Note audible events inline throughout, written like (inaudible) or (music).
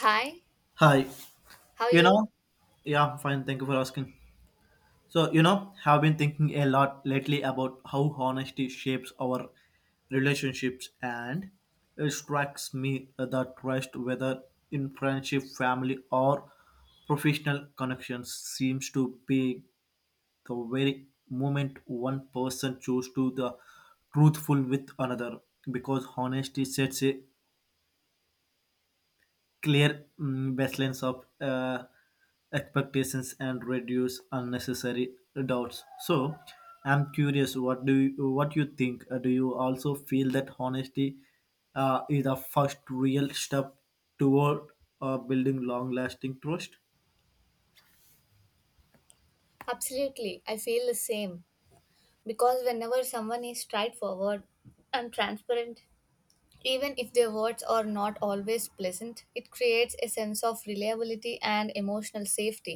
Hi, Hi, how are you you? know, yeah, I'm fine. Thank you for asking. So, have been thinking a lot lately about how honesty shapes our relationships, and it strikes me that trust, whether in friendship, family, or professional connections, seems to be the very moment one person chooses to the truthful with another because honesty sets a clear baselines of expectations and reduce unnecessary doubts. So I'm curious, what do you what you think. Do you also feel that honesty is the first real step toward building long lasting trust? Absolutely, I feel the same because whenever someone is straightforward and transparent, even if their words are not always pleasant, it creates a sense of reliability and emotional safety.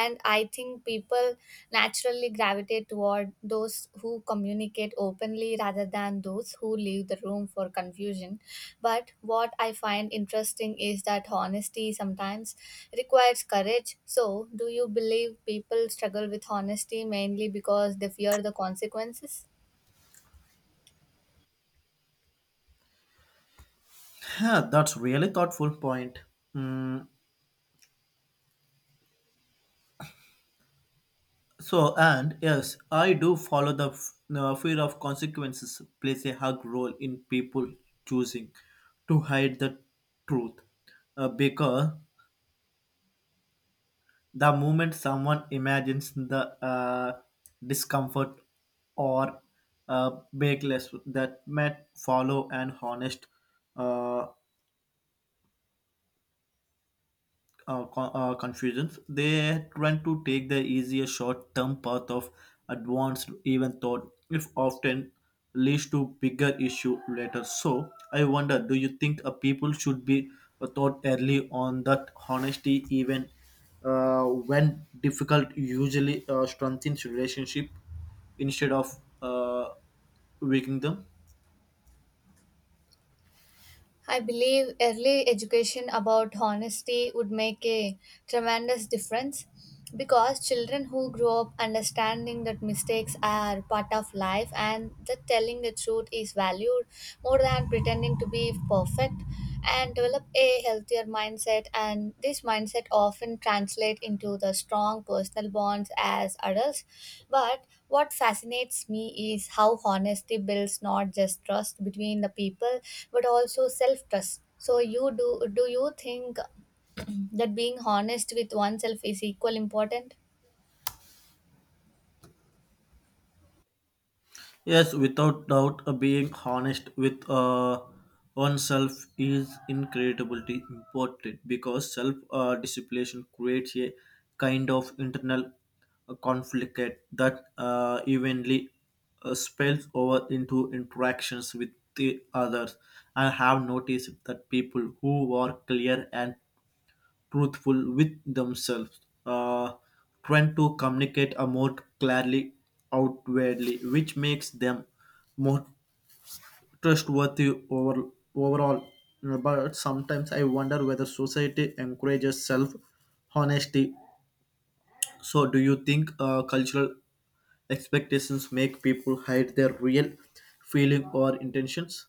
And I think people naturally gravitate toward those who communicate openly rather than those who leave the room for confusion. But what I find interesting is that honesty sometimes requires courage. So, do you believe people struggle with honesty mainly because they fear the consequences? That's really thoughtful point. Mm, and yes, I do follow the fear of consequences plays a hug role in people choosing to hide the truth. Because the moment someone imagines the discomfort or bakeless that might follow an honest uh, confusions. They tend to take the easier short-term path of advanced even thought, if often leads to bigger issue later. So I wonder, do you think a people should be thought early on that honesty, even when difficult, usually strengthens relationship instead of uh, weakening them? I believe early education about honesty would make a tremendous difference, because children who grow up understanding that mistakes are part of life and that telling the truth is valued more than pretending to be perfect and develop a healthier mindset, and this mindset often translate into the strong personal bonds as adults. But what fascinates me is how honesty builds not just trust between the people but also self trust. So you do do you think (clears throat) that being honest with oneself is equal important? Yes, without doubt, being honest with oneself is incredibly important because self discipline creates a kind of internal conflict that evenly spills over into interactions with the others. I have noticed that people who are clear and truthful with themselves, uh, trying to communicate a more clearly outwardly, which makes them more trustworthy overall. But sometimes I wonder whether society encourages self honesty. So, do you think cultural expectations make people hide their real feeling or intentions?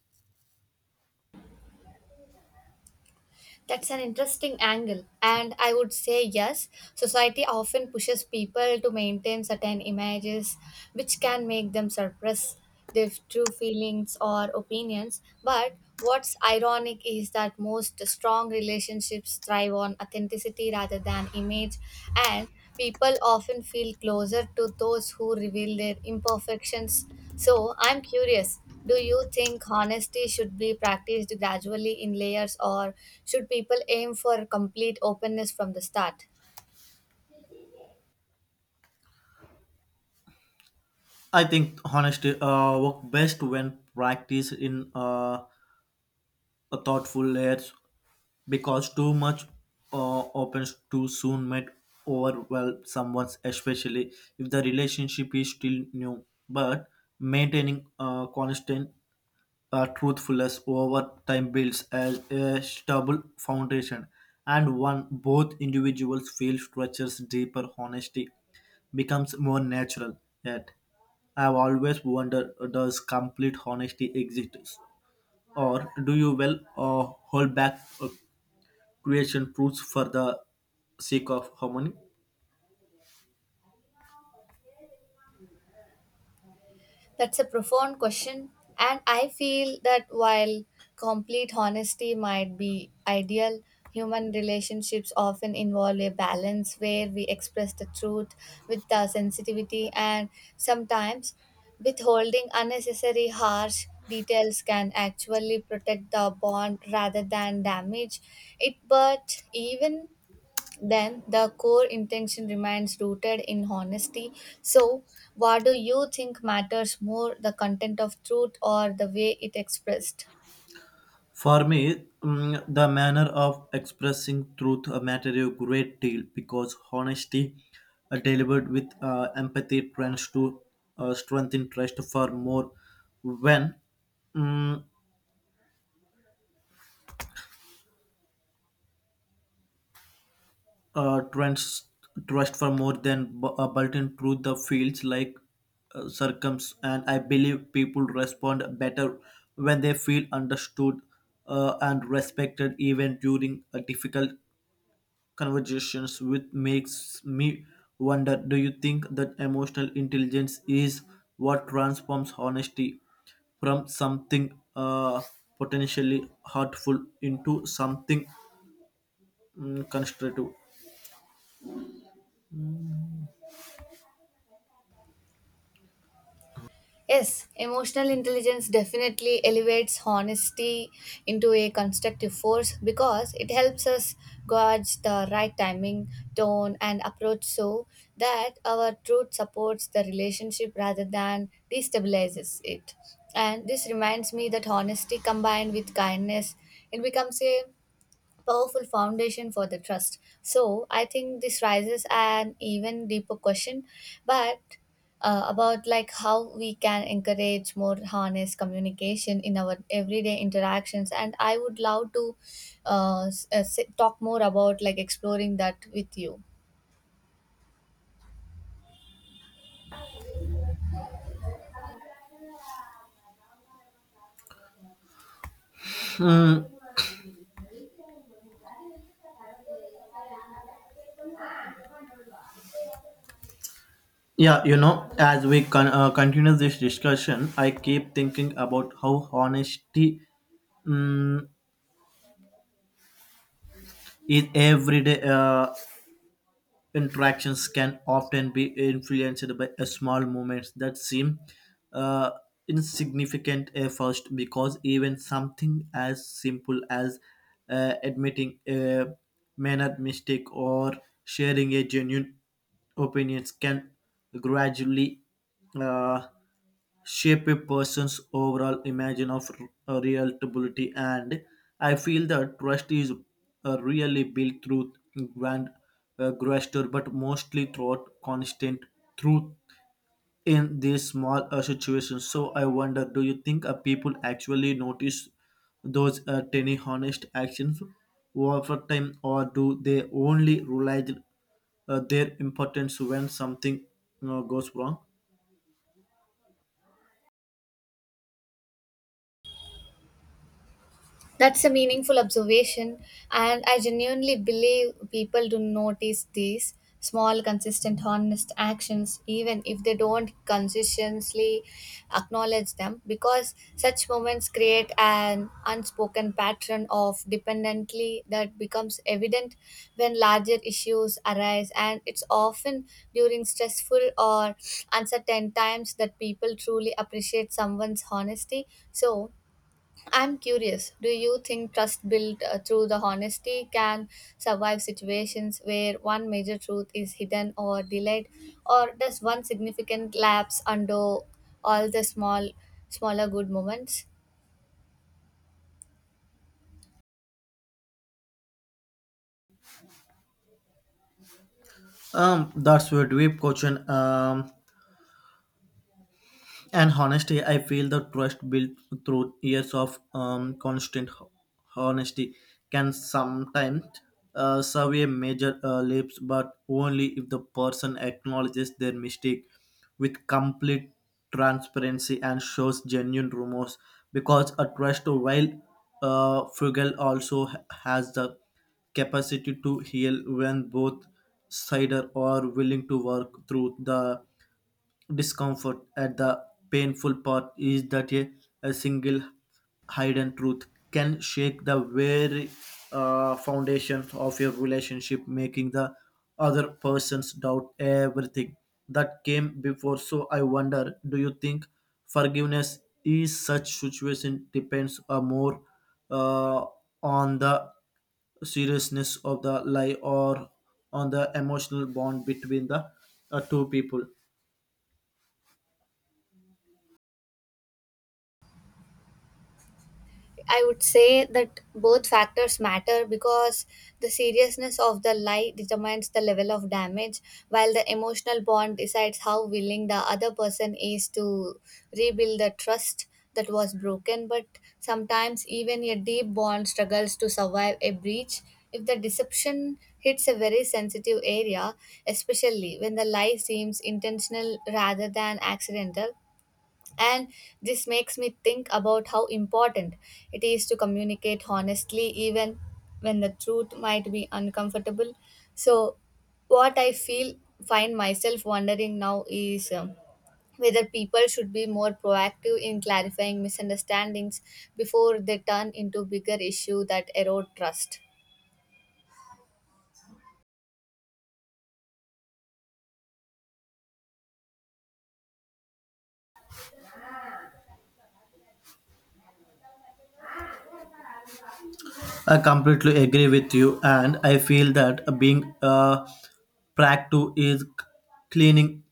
That's an interesting angle. And I would say yes, society often pushes people to maintain certain images, which can make them suppress their true feelings or opinions. But what's ironic is that most strong relationships thrive on authenticity rather than image, and people often feel closer to those who reveal their imperfections. So I'm curious. Do you think honesty should be practiced gradually in layers, or should people aim for complete openness from the start? I think honesty work best when practiced in a thoughtful layers because too much opens too soon might overwhelm someone, especially if the relationship is still new. But maintaining constant truthfulness over time builds a stable foundation, and one both individuals feel structures deeper honesty becomes more natural. Yet, I've always wondered, does complete honesty exist, or do you well hold back creation truths for the sake of harmony? That's a profound question, and I feel that while complete honesty might be ideal, human relationships often involve a balance where we express the truth with the sensitivity, and sometimes withholding unnecessary harsh details can actually protect the bond rather than damage it. But even then the core intention remains rooted in honesty. So, what do you think matters more, the content of truth or the way it expressed? For me, the manner of expressing truth matter a great deal because honesty delivered with empathy tends to strengthen trust for more when mm, uh, trans- trust for more than bulletin truth the fields like circums, and I believe people respond better when they feel understood and respected even during difficult conversations, which makes me wonder, do you think that emotional intelligence is what transforms honesty from something potentially hurtful into something constructive? Yes, emotional intelligence definitely elevates honesty into a constructive force because it helps us gauge the right timing, tone, and approach so that our truth supports the relationship rather than destabilizes it. And this reminds me that honesty combined with kindness, it becomes a powerful foundation for the trust. So I think this raises an even deeper question, but about like how we can encourage more honest communication in our everyday interactions. And I would love to talk more about like exploring that with you. Hmm, Yeah, as we continue this discussion, I keep thinking about how honesty mm in everyday interactions can often be influenced by a small moments that seem uh, insignificant at first, because even something as simple as admitting a minor mistake or sharing a genuine opinions can gradually uh, shape a person's overall image of reliability, and I feel that trust is really built through grand gesture but mostly through constant truth in these small situations. So I wonder, do you think people actually notice those tiny honest actions over time, or do they only realize their importance when something goes wrong? That's a meaningful observation, and I genuinely believe people do notice these small, consistent, honest actions, even if they don't consistently acknowledge them, because such moments create an unspoken pattern of dependently that becomes evident when larger issues arise, and it's often during stressful or uncertain times that people truly appreciate someone's honesty. So, I'm curious, do you think trust built through the honesty can survive situations where one major truth is hidden or delayed, or does one significant lapse undo all the smaller good moments? That's a deep question. And honestly, I feel the trust built through years of constant honesty can sometimes survey major leaps, but only if the person acknowledges their mistake with complete transparency and shows genuine remorse. Because a trust, while frugal, also has the capacity to heal when both sides are willing to work through the discomfort. At the painful part is that a single hidden truth can shake the very foundation of your relationship, making the other persons doubt everything that came before. So I wonder, do you think forgiveness is such situation depends more uh, on the seriousness of the lie or on the emotional bond between the two people? I would say that both factors matter because the seriousness of the lie determines the level of damage, while the emotional bond decides how willing the other person is to rebuild the trust that was broken. But sometimes, even a deep bond struggles to survive a breach if the deception hits a very sensitive area, especially when the lie seems intentional rather than accidental. And this makes me think about how important it is to communicate honestly, even when the truth might be uncomfortable. So, what I feel, find myself wondering now is whether people should be more proactive in clarifying misunderstandings before they turn into bigger issue that erode trust. I completely agree with you, and I feel that being a practice is cleaning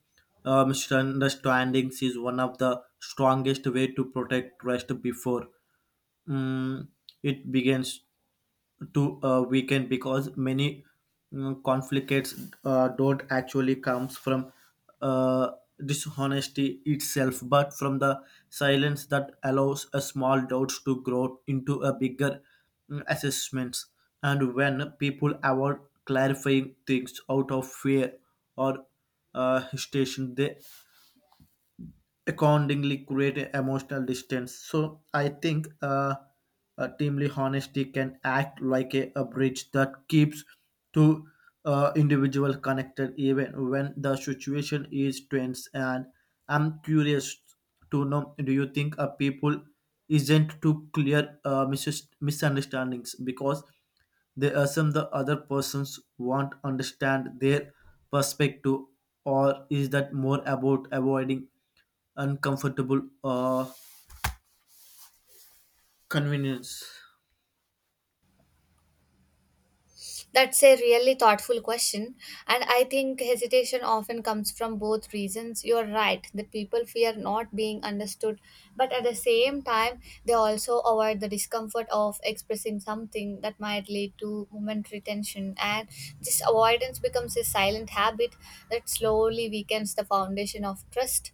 misunderstandings is one of the strongest way to protect trust before mm, it begins to a weekend, because many conflicts don't actually comes from uh, dishonesty itself but from the silence that allows a small doubts to grow into a bigger assessments, and when people avoid clarifying things out of fear or hesitation, they accordingly create a emotional distance. So I think teamly honesty can act like a bridge that keeps two individual connected even when the situation is tense, and I'm curious to know, do you think a people isn't to clear misunderstandings because they assume the other persons won't understand their perspective, or is that more about avoiding uncomfortable convenience? That's a really thoughtful question, and I think hesitation often comes from both reasons. You're right that people fear not being understood, but at the same time, they also avoid the discomfort of expressing something that might lead to momentary tension. And this avoidance becomes a silent habit that slowly weakens the foundation of trust,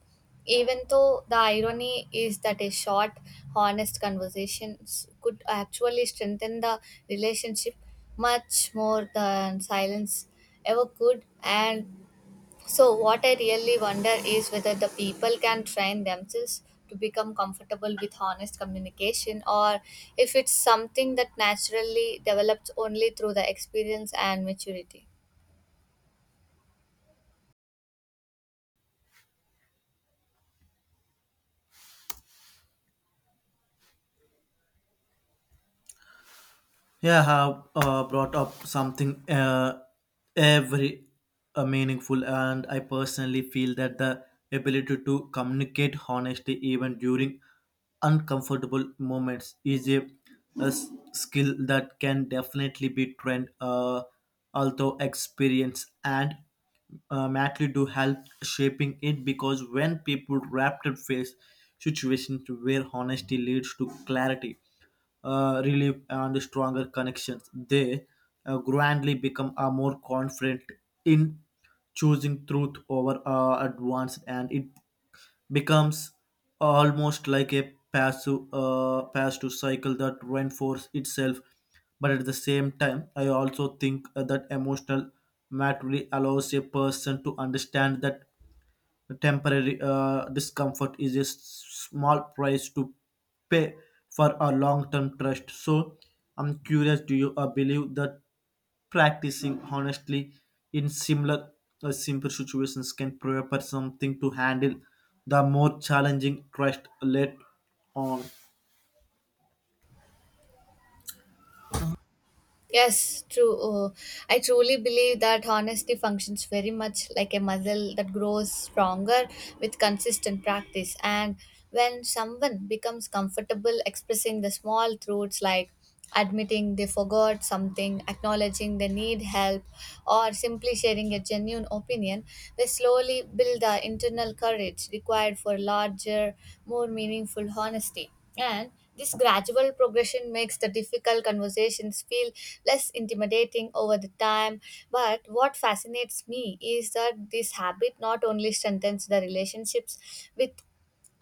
even though the irony is that a short, honest conversations could actually strengthen the relationship much more than silence ever could. And so, what I really wonder is whether the people can train themselves to become comfortable with honest communication, or if it's something that naturally develops only through the experience and maturity. Yeah, have brought up something every meaningful, and I personally feel that the ability to communicate honestly even during uncomfortable moments is skill that can definitely be trained. Although experience and Matley do help shaping it, because when people rapid face situations where honesty leads to clarity, relief and stronger connections, they gradually become more confident in choosing truth over advance, and it becomes almost like a passive cycle that reinforces itself. But at the same time, I also think that emotional maturity allows a person to understand that temporary discomfort is small price to pay for a long term trust. So, I'm curious, do you believe that practicing honestly in similar simple situations can prepare something to handle the more challenging trust later on? Yes, true. I truly believe that honesty functions very much like a muscle that grows stronger with consistent practice. And when someone becomes comfortable expressing the small truths, like admitting they forgot something, acknowledging they need help, or simply sharing a genuine opinion, they slowly build the internal courage required for larger, more meaningful honesty. And this gradual progression makes the difficult conversations feel less intimidating over the time. But what fascinates me is that this habit not only strengthens the relationships with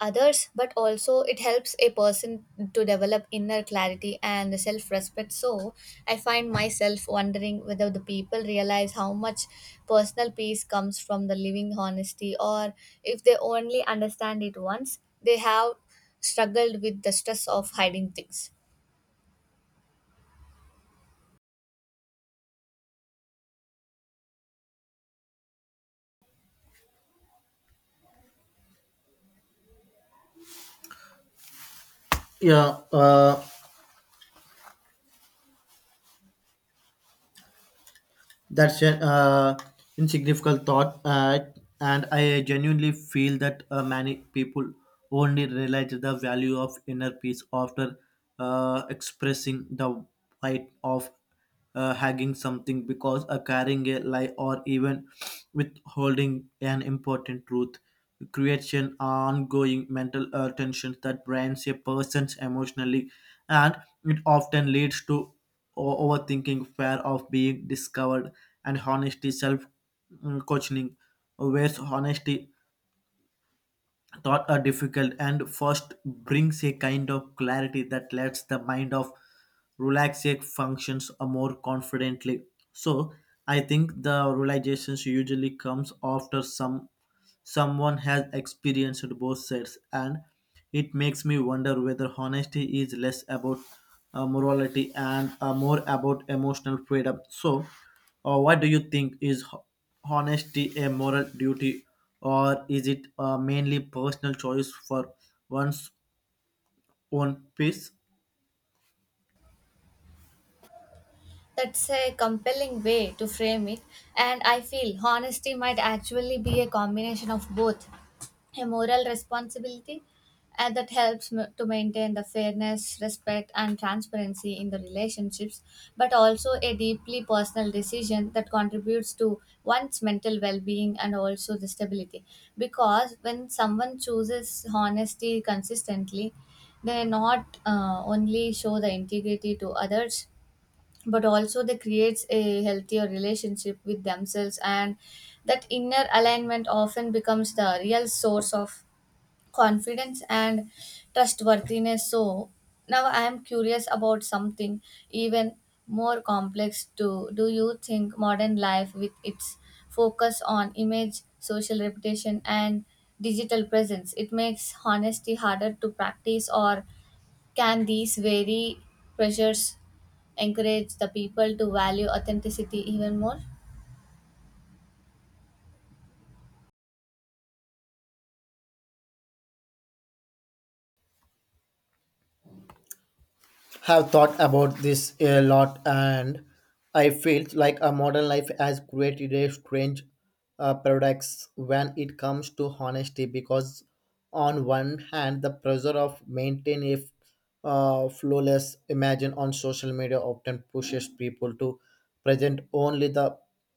others, but also it helps a person to develop inner clarity and self respect. So I find myself wondering whether the people realize how much personal peace comes from the living honesty, or if they only understand it once they have struggled with the stress of hiding things. Yeah, that's an insignificant thought, and I genuinely feel that many people only realize the value of inner peace after expressing the right of hugging something, because carrying a lie or even withholding an important truth creates an ongoing mental tension that drains a person's emotionally, and it often leads to overthinking, fear of being discovered, and honesty, self questioning, where's honesty thought are difficult and first brings a kind of clarity that lets the mind of relax, it functions a more confidently. So I think the realizations usually comes after someone has experienced both sides, and it makes me wonder whether honesty is less about morality and more about emotional freedom. So, or what do you think is honesty a moral duty, or is it mainly personal choice for one's own peace? That's a compelling way to frame it, and I feel honesty might actually be a combination of both a moral responsibility and that helps to maintain the fairness, respect, and transparency in the relationships, but also a deeply personal decision that contributes to one's mental well being and also the stability. Because when someone chooses honesty consistently, they not only show the integrity to others, but also they creates a healthier relationship with themselves, and that inner alignment often becomes the real source of confidence and trustworthiness. So now I am curious about something even more complex too. Do you think modern life with its focus on image, social reputation, and digital presence, it makes honesty harder to practice, or can these very pressures encourage the people to value authenticity even more? Have thought about this a lot, and I feel like a modern life has created a strange paradox when it comes to honesty. Because on one hand, the pressure of maintaining flawless image on social media often pushes people to present only the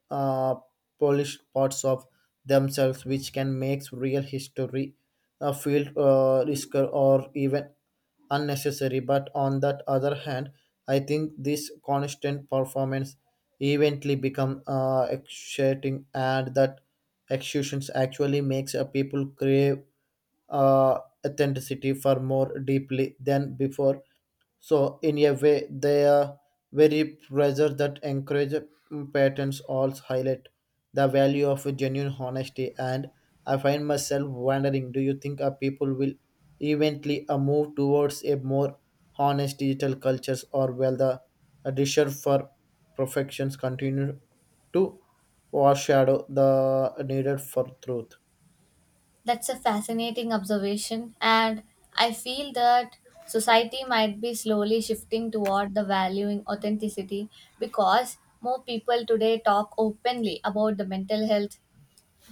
uh, polished parts of themselves, which can make real history feel risker or even unnecessary. But on that other hand, I think this constant performance eventually become exciting, and that executions actually makes a people crave uh, authenticity for more deeply than before. So in a way, they are very pressure that encourage patterns also highlight the value of a genuine honesty. And I find myself wondering, do you think our people will eventually move towards a more honest digital cultures, or will the desire for perfections continue to overshadow the needed for truth? That's a fascinating observation, and I feel that society might be slowly shifting toward the valuing authenticity, because more people today talk openly about the mental health,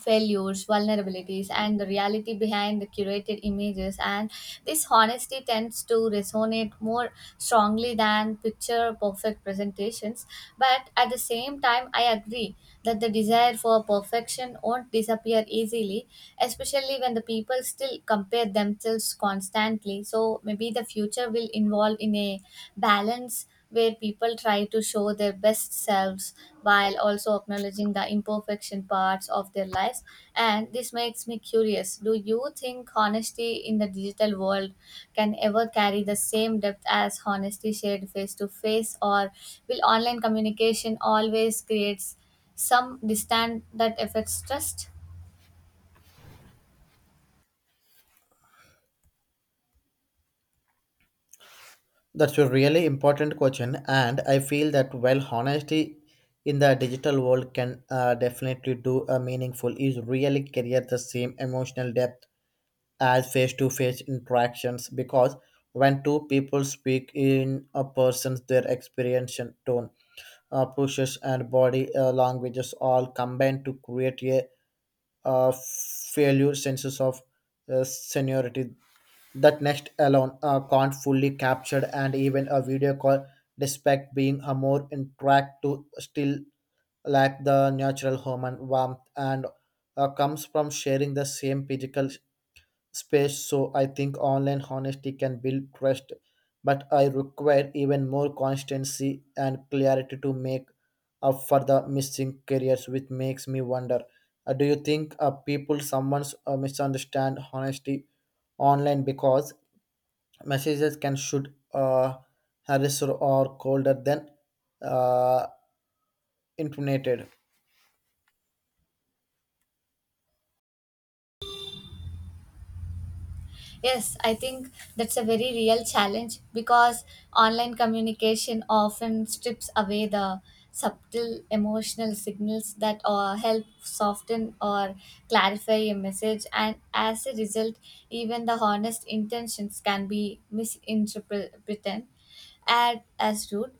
failures, vulnerabilities, and the reality behind the curated images. And this honesty tends to resonate more strongly than picture perfect presentations. But at the same time, I agree that the desire for perfection won't disappear easily, especially when the people still compare themselves constantly. So maybe the future will involve in a balance where people try to show their best selves while also acknowledging the imperfection parts of their lives. And this makes me curious, do you think honesty in the digital world can ever carry the same depth as honesty shared face to face, or will online communication always creates some distance that affects trust? That's a really important question, and I feel that while honesty in the digital world can definitely do a meaningful, is really carry the same emotional depth as face-to-face interactions. Because when two people speak in a person's, their experience and tone, pushes, and body languages all combine to create a failure senses of seniority that next alone can't fully capture, and even a video call despite being a more interact to still lack the natural human warmth and comes from sharing the same physical space. So I think online honesty can build trust, but I require even more constancy and clarity to make up for the missing careers, which makes me wonder, do you think people someone's misunderstand honesty online because messages can should harass or colder than uh, intimated? Yes, I think that's a very real challenge because online communication often strips away the subtle emotional signals that help soften or clarify a message, and as a result, even the honest intentions can be misinterpreted and as rude,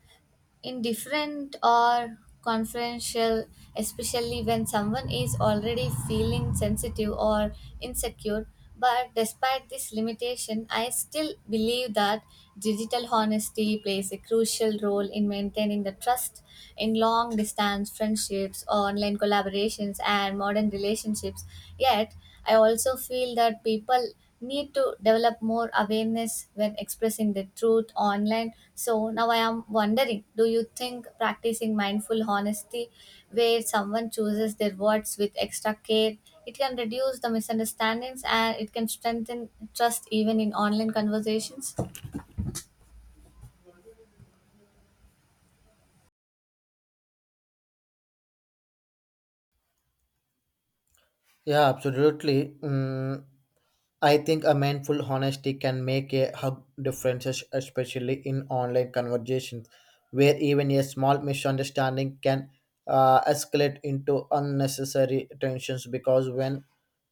indifferent, or confidential, especially when someone is already feeling sensitive or insecure. But despite this limitation, I still believe that digital honesty plays a crucial role in maintaining the trust in long distance friendships, online collaborations, and modern relationships. Yet, I also feel that people need to develop more awareness when expressing the truth online. So now I am wondering, do you think practicing mindful honesty, where someone chooses their words with extra care, it can reduce the misunderstandings and it can strengthen trust even in online conversations? Yeah, absolutely. I think a mindful honesty can make a hug differences, especially in online conversations, where even a small misunderstanding can escalate into unnecessary tensions. Because when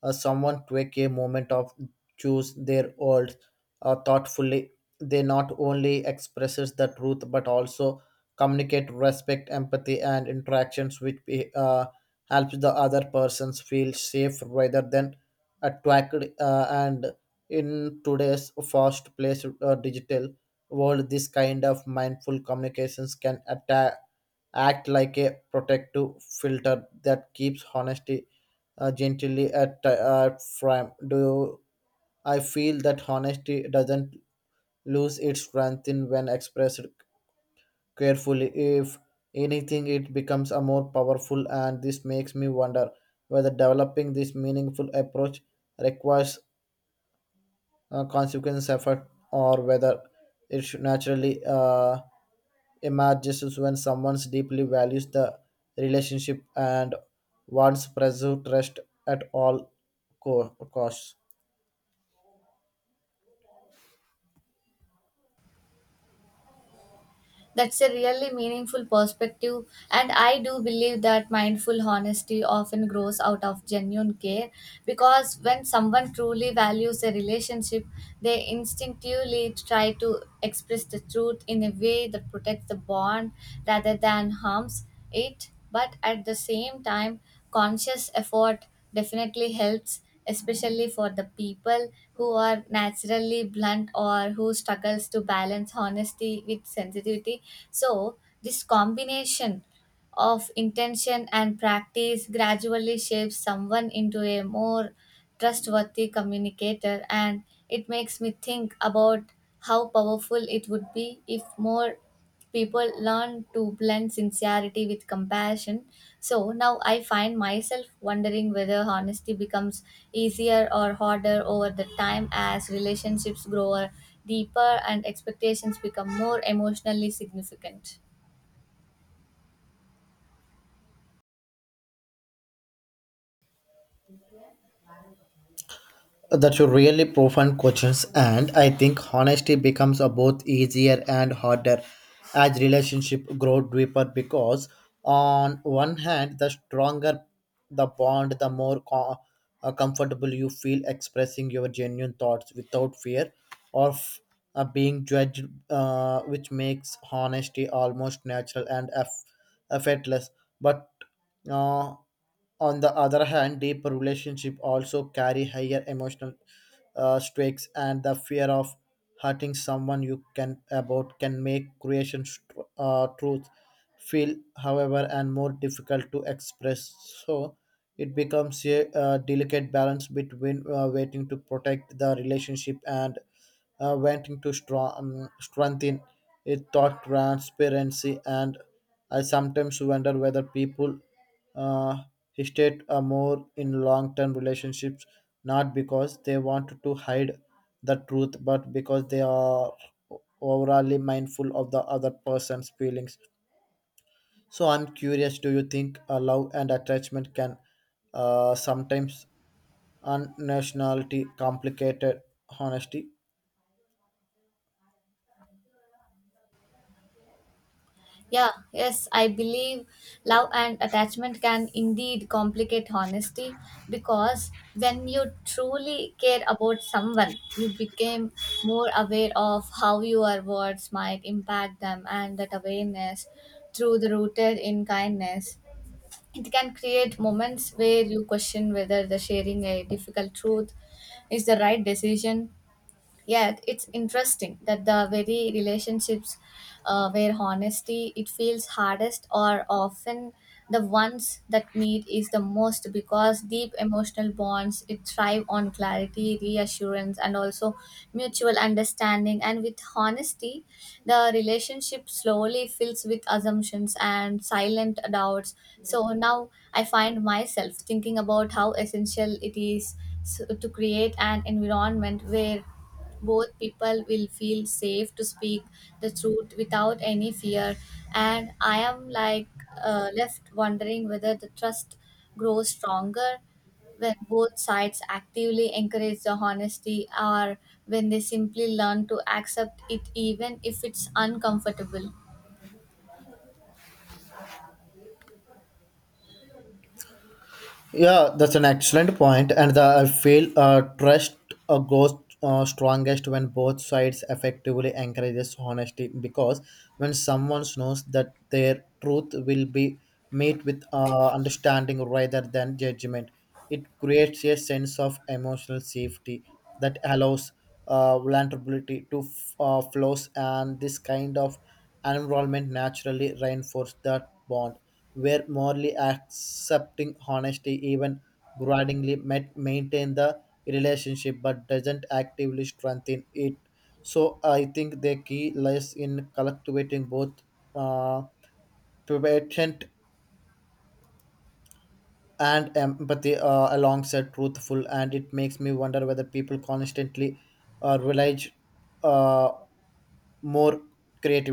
someone take a moment of choose their words thoughtfully, they not only expresses the truth but also communicate respect, empathy, and interactions, which uh, helps the other persons feel safe rather than attract and in today's fast paced digital world, this kind of mindful communications can attack, act like a protective filter that keeps honesty gently at frame. I feel that honesty doesn't lose its strength in when expressed carefully. If anything, it becomes a more powerful, and this makes me wonder whether developing this meaningful approach requires consequence effort, or whether it should naturally emerges when someone deeply values the relationship and wants preserve trust at all costs. That's a really meaningful perspective, and I do believe that mindful honesty often grows out of genuine care, because when someone truly values a relationship, they instinctively try to express the truth in a way that protects the bond rather than harms it. But at the same time, conscious effort definitely helps, especially for the people who are naturally blunt or who struggles to balance honesty with sensitivity. So this combination of intention and practice gradually shapes someone into a more trustworthy communicator, and it makes me think about how powerful it would be if more people learn to blend sincerity with compassion. So now I find myself wondering whether honesty becomes easier or harder over the time as relationships grow deeper and expectations become more emotionally significant. That's a really profound questions, and I think honesty becomes a both easier and harder as relationship grow deeper. Because on one hand, the stronger the bond, the more comfortable you feel expressing your genuine thoughts without fear of being judged, which makes honesty almost natural and effortless. But uh, on the other hand, deep relationships also carry higher emotional stakes, and the fear of hurting someone you can about can make creation truth feel, however, and more difficult to express. So it becomes a delicate balance between waiting to protect the relationship and wanting to strong, strengthen it thought transparency, and I sometimes wonder whether people uh, He stayed more in long-term relationships, not because they want to hide the truth, but because they are overly mindful of the other person's feelings. So I'm curious, do you think love and attachment can sometimes unnationality complicated honesty? Yeah, yes, I believe love and attachment can indeed complicate honesty, because when you truly care about someone, you became more aware of how your words might impact them, and that awareness, through the rooted in kindness, it can create moments where you question whether the sharing a difficult truth is the right decision. Yet it's interesting that the very relationships where honesty it feels hardest are often the ones that need is the most, because deep emotional bonds it thrive on clarity, reassurance, and also mutual understanding. And with honesty, the relationship slowly fills with assumptions and silent doubts. So now I find myself thinking about how essential it is to create an environment where both people will feel safe to speak the truth without any fear. And I am like left wondering whether the trust grows stronger when both sides actively encourage the honesty, or when they simply learn to accept it even if it's uncomfortable. Yeah, that's an excellent point, and the, I feel trust goes strongest when both sides effectively encourages honesty. Because when someone knows that their truth will be met with understanding rather than judgment, it creates a sense of emotional safety that allows vulnerability to flows, and this kind of environment naturally reinforces that bond where morally accepting honesty, even grudgingly, met maintain the relationship but doesn't actively strengthen it. So I think the key lies in cultivating both uh, patient and empathy alongside truthful, and it makes me wonder whether people constantly rely uh, more creativity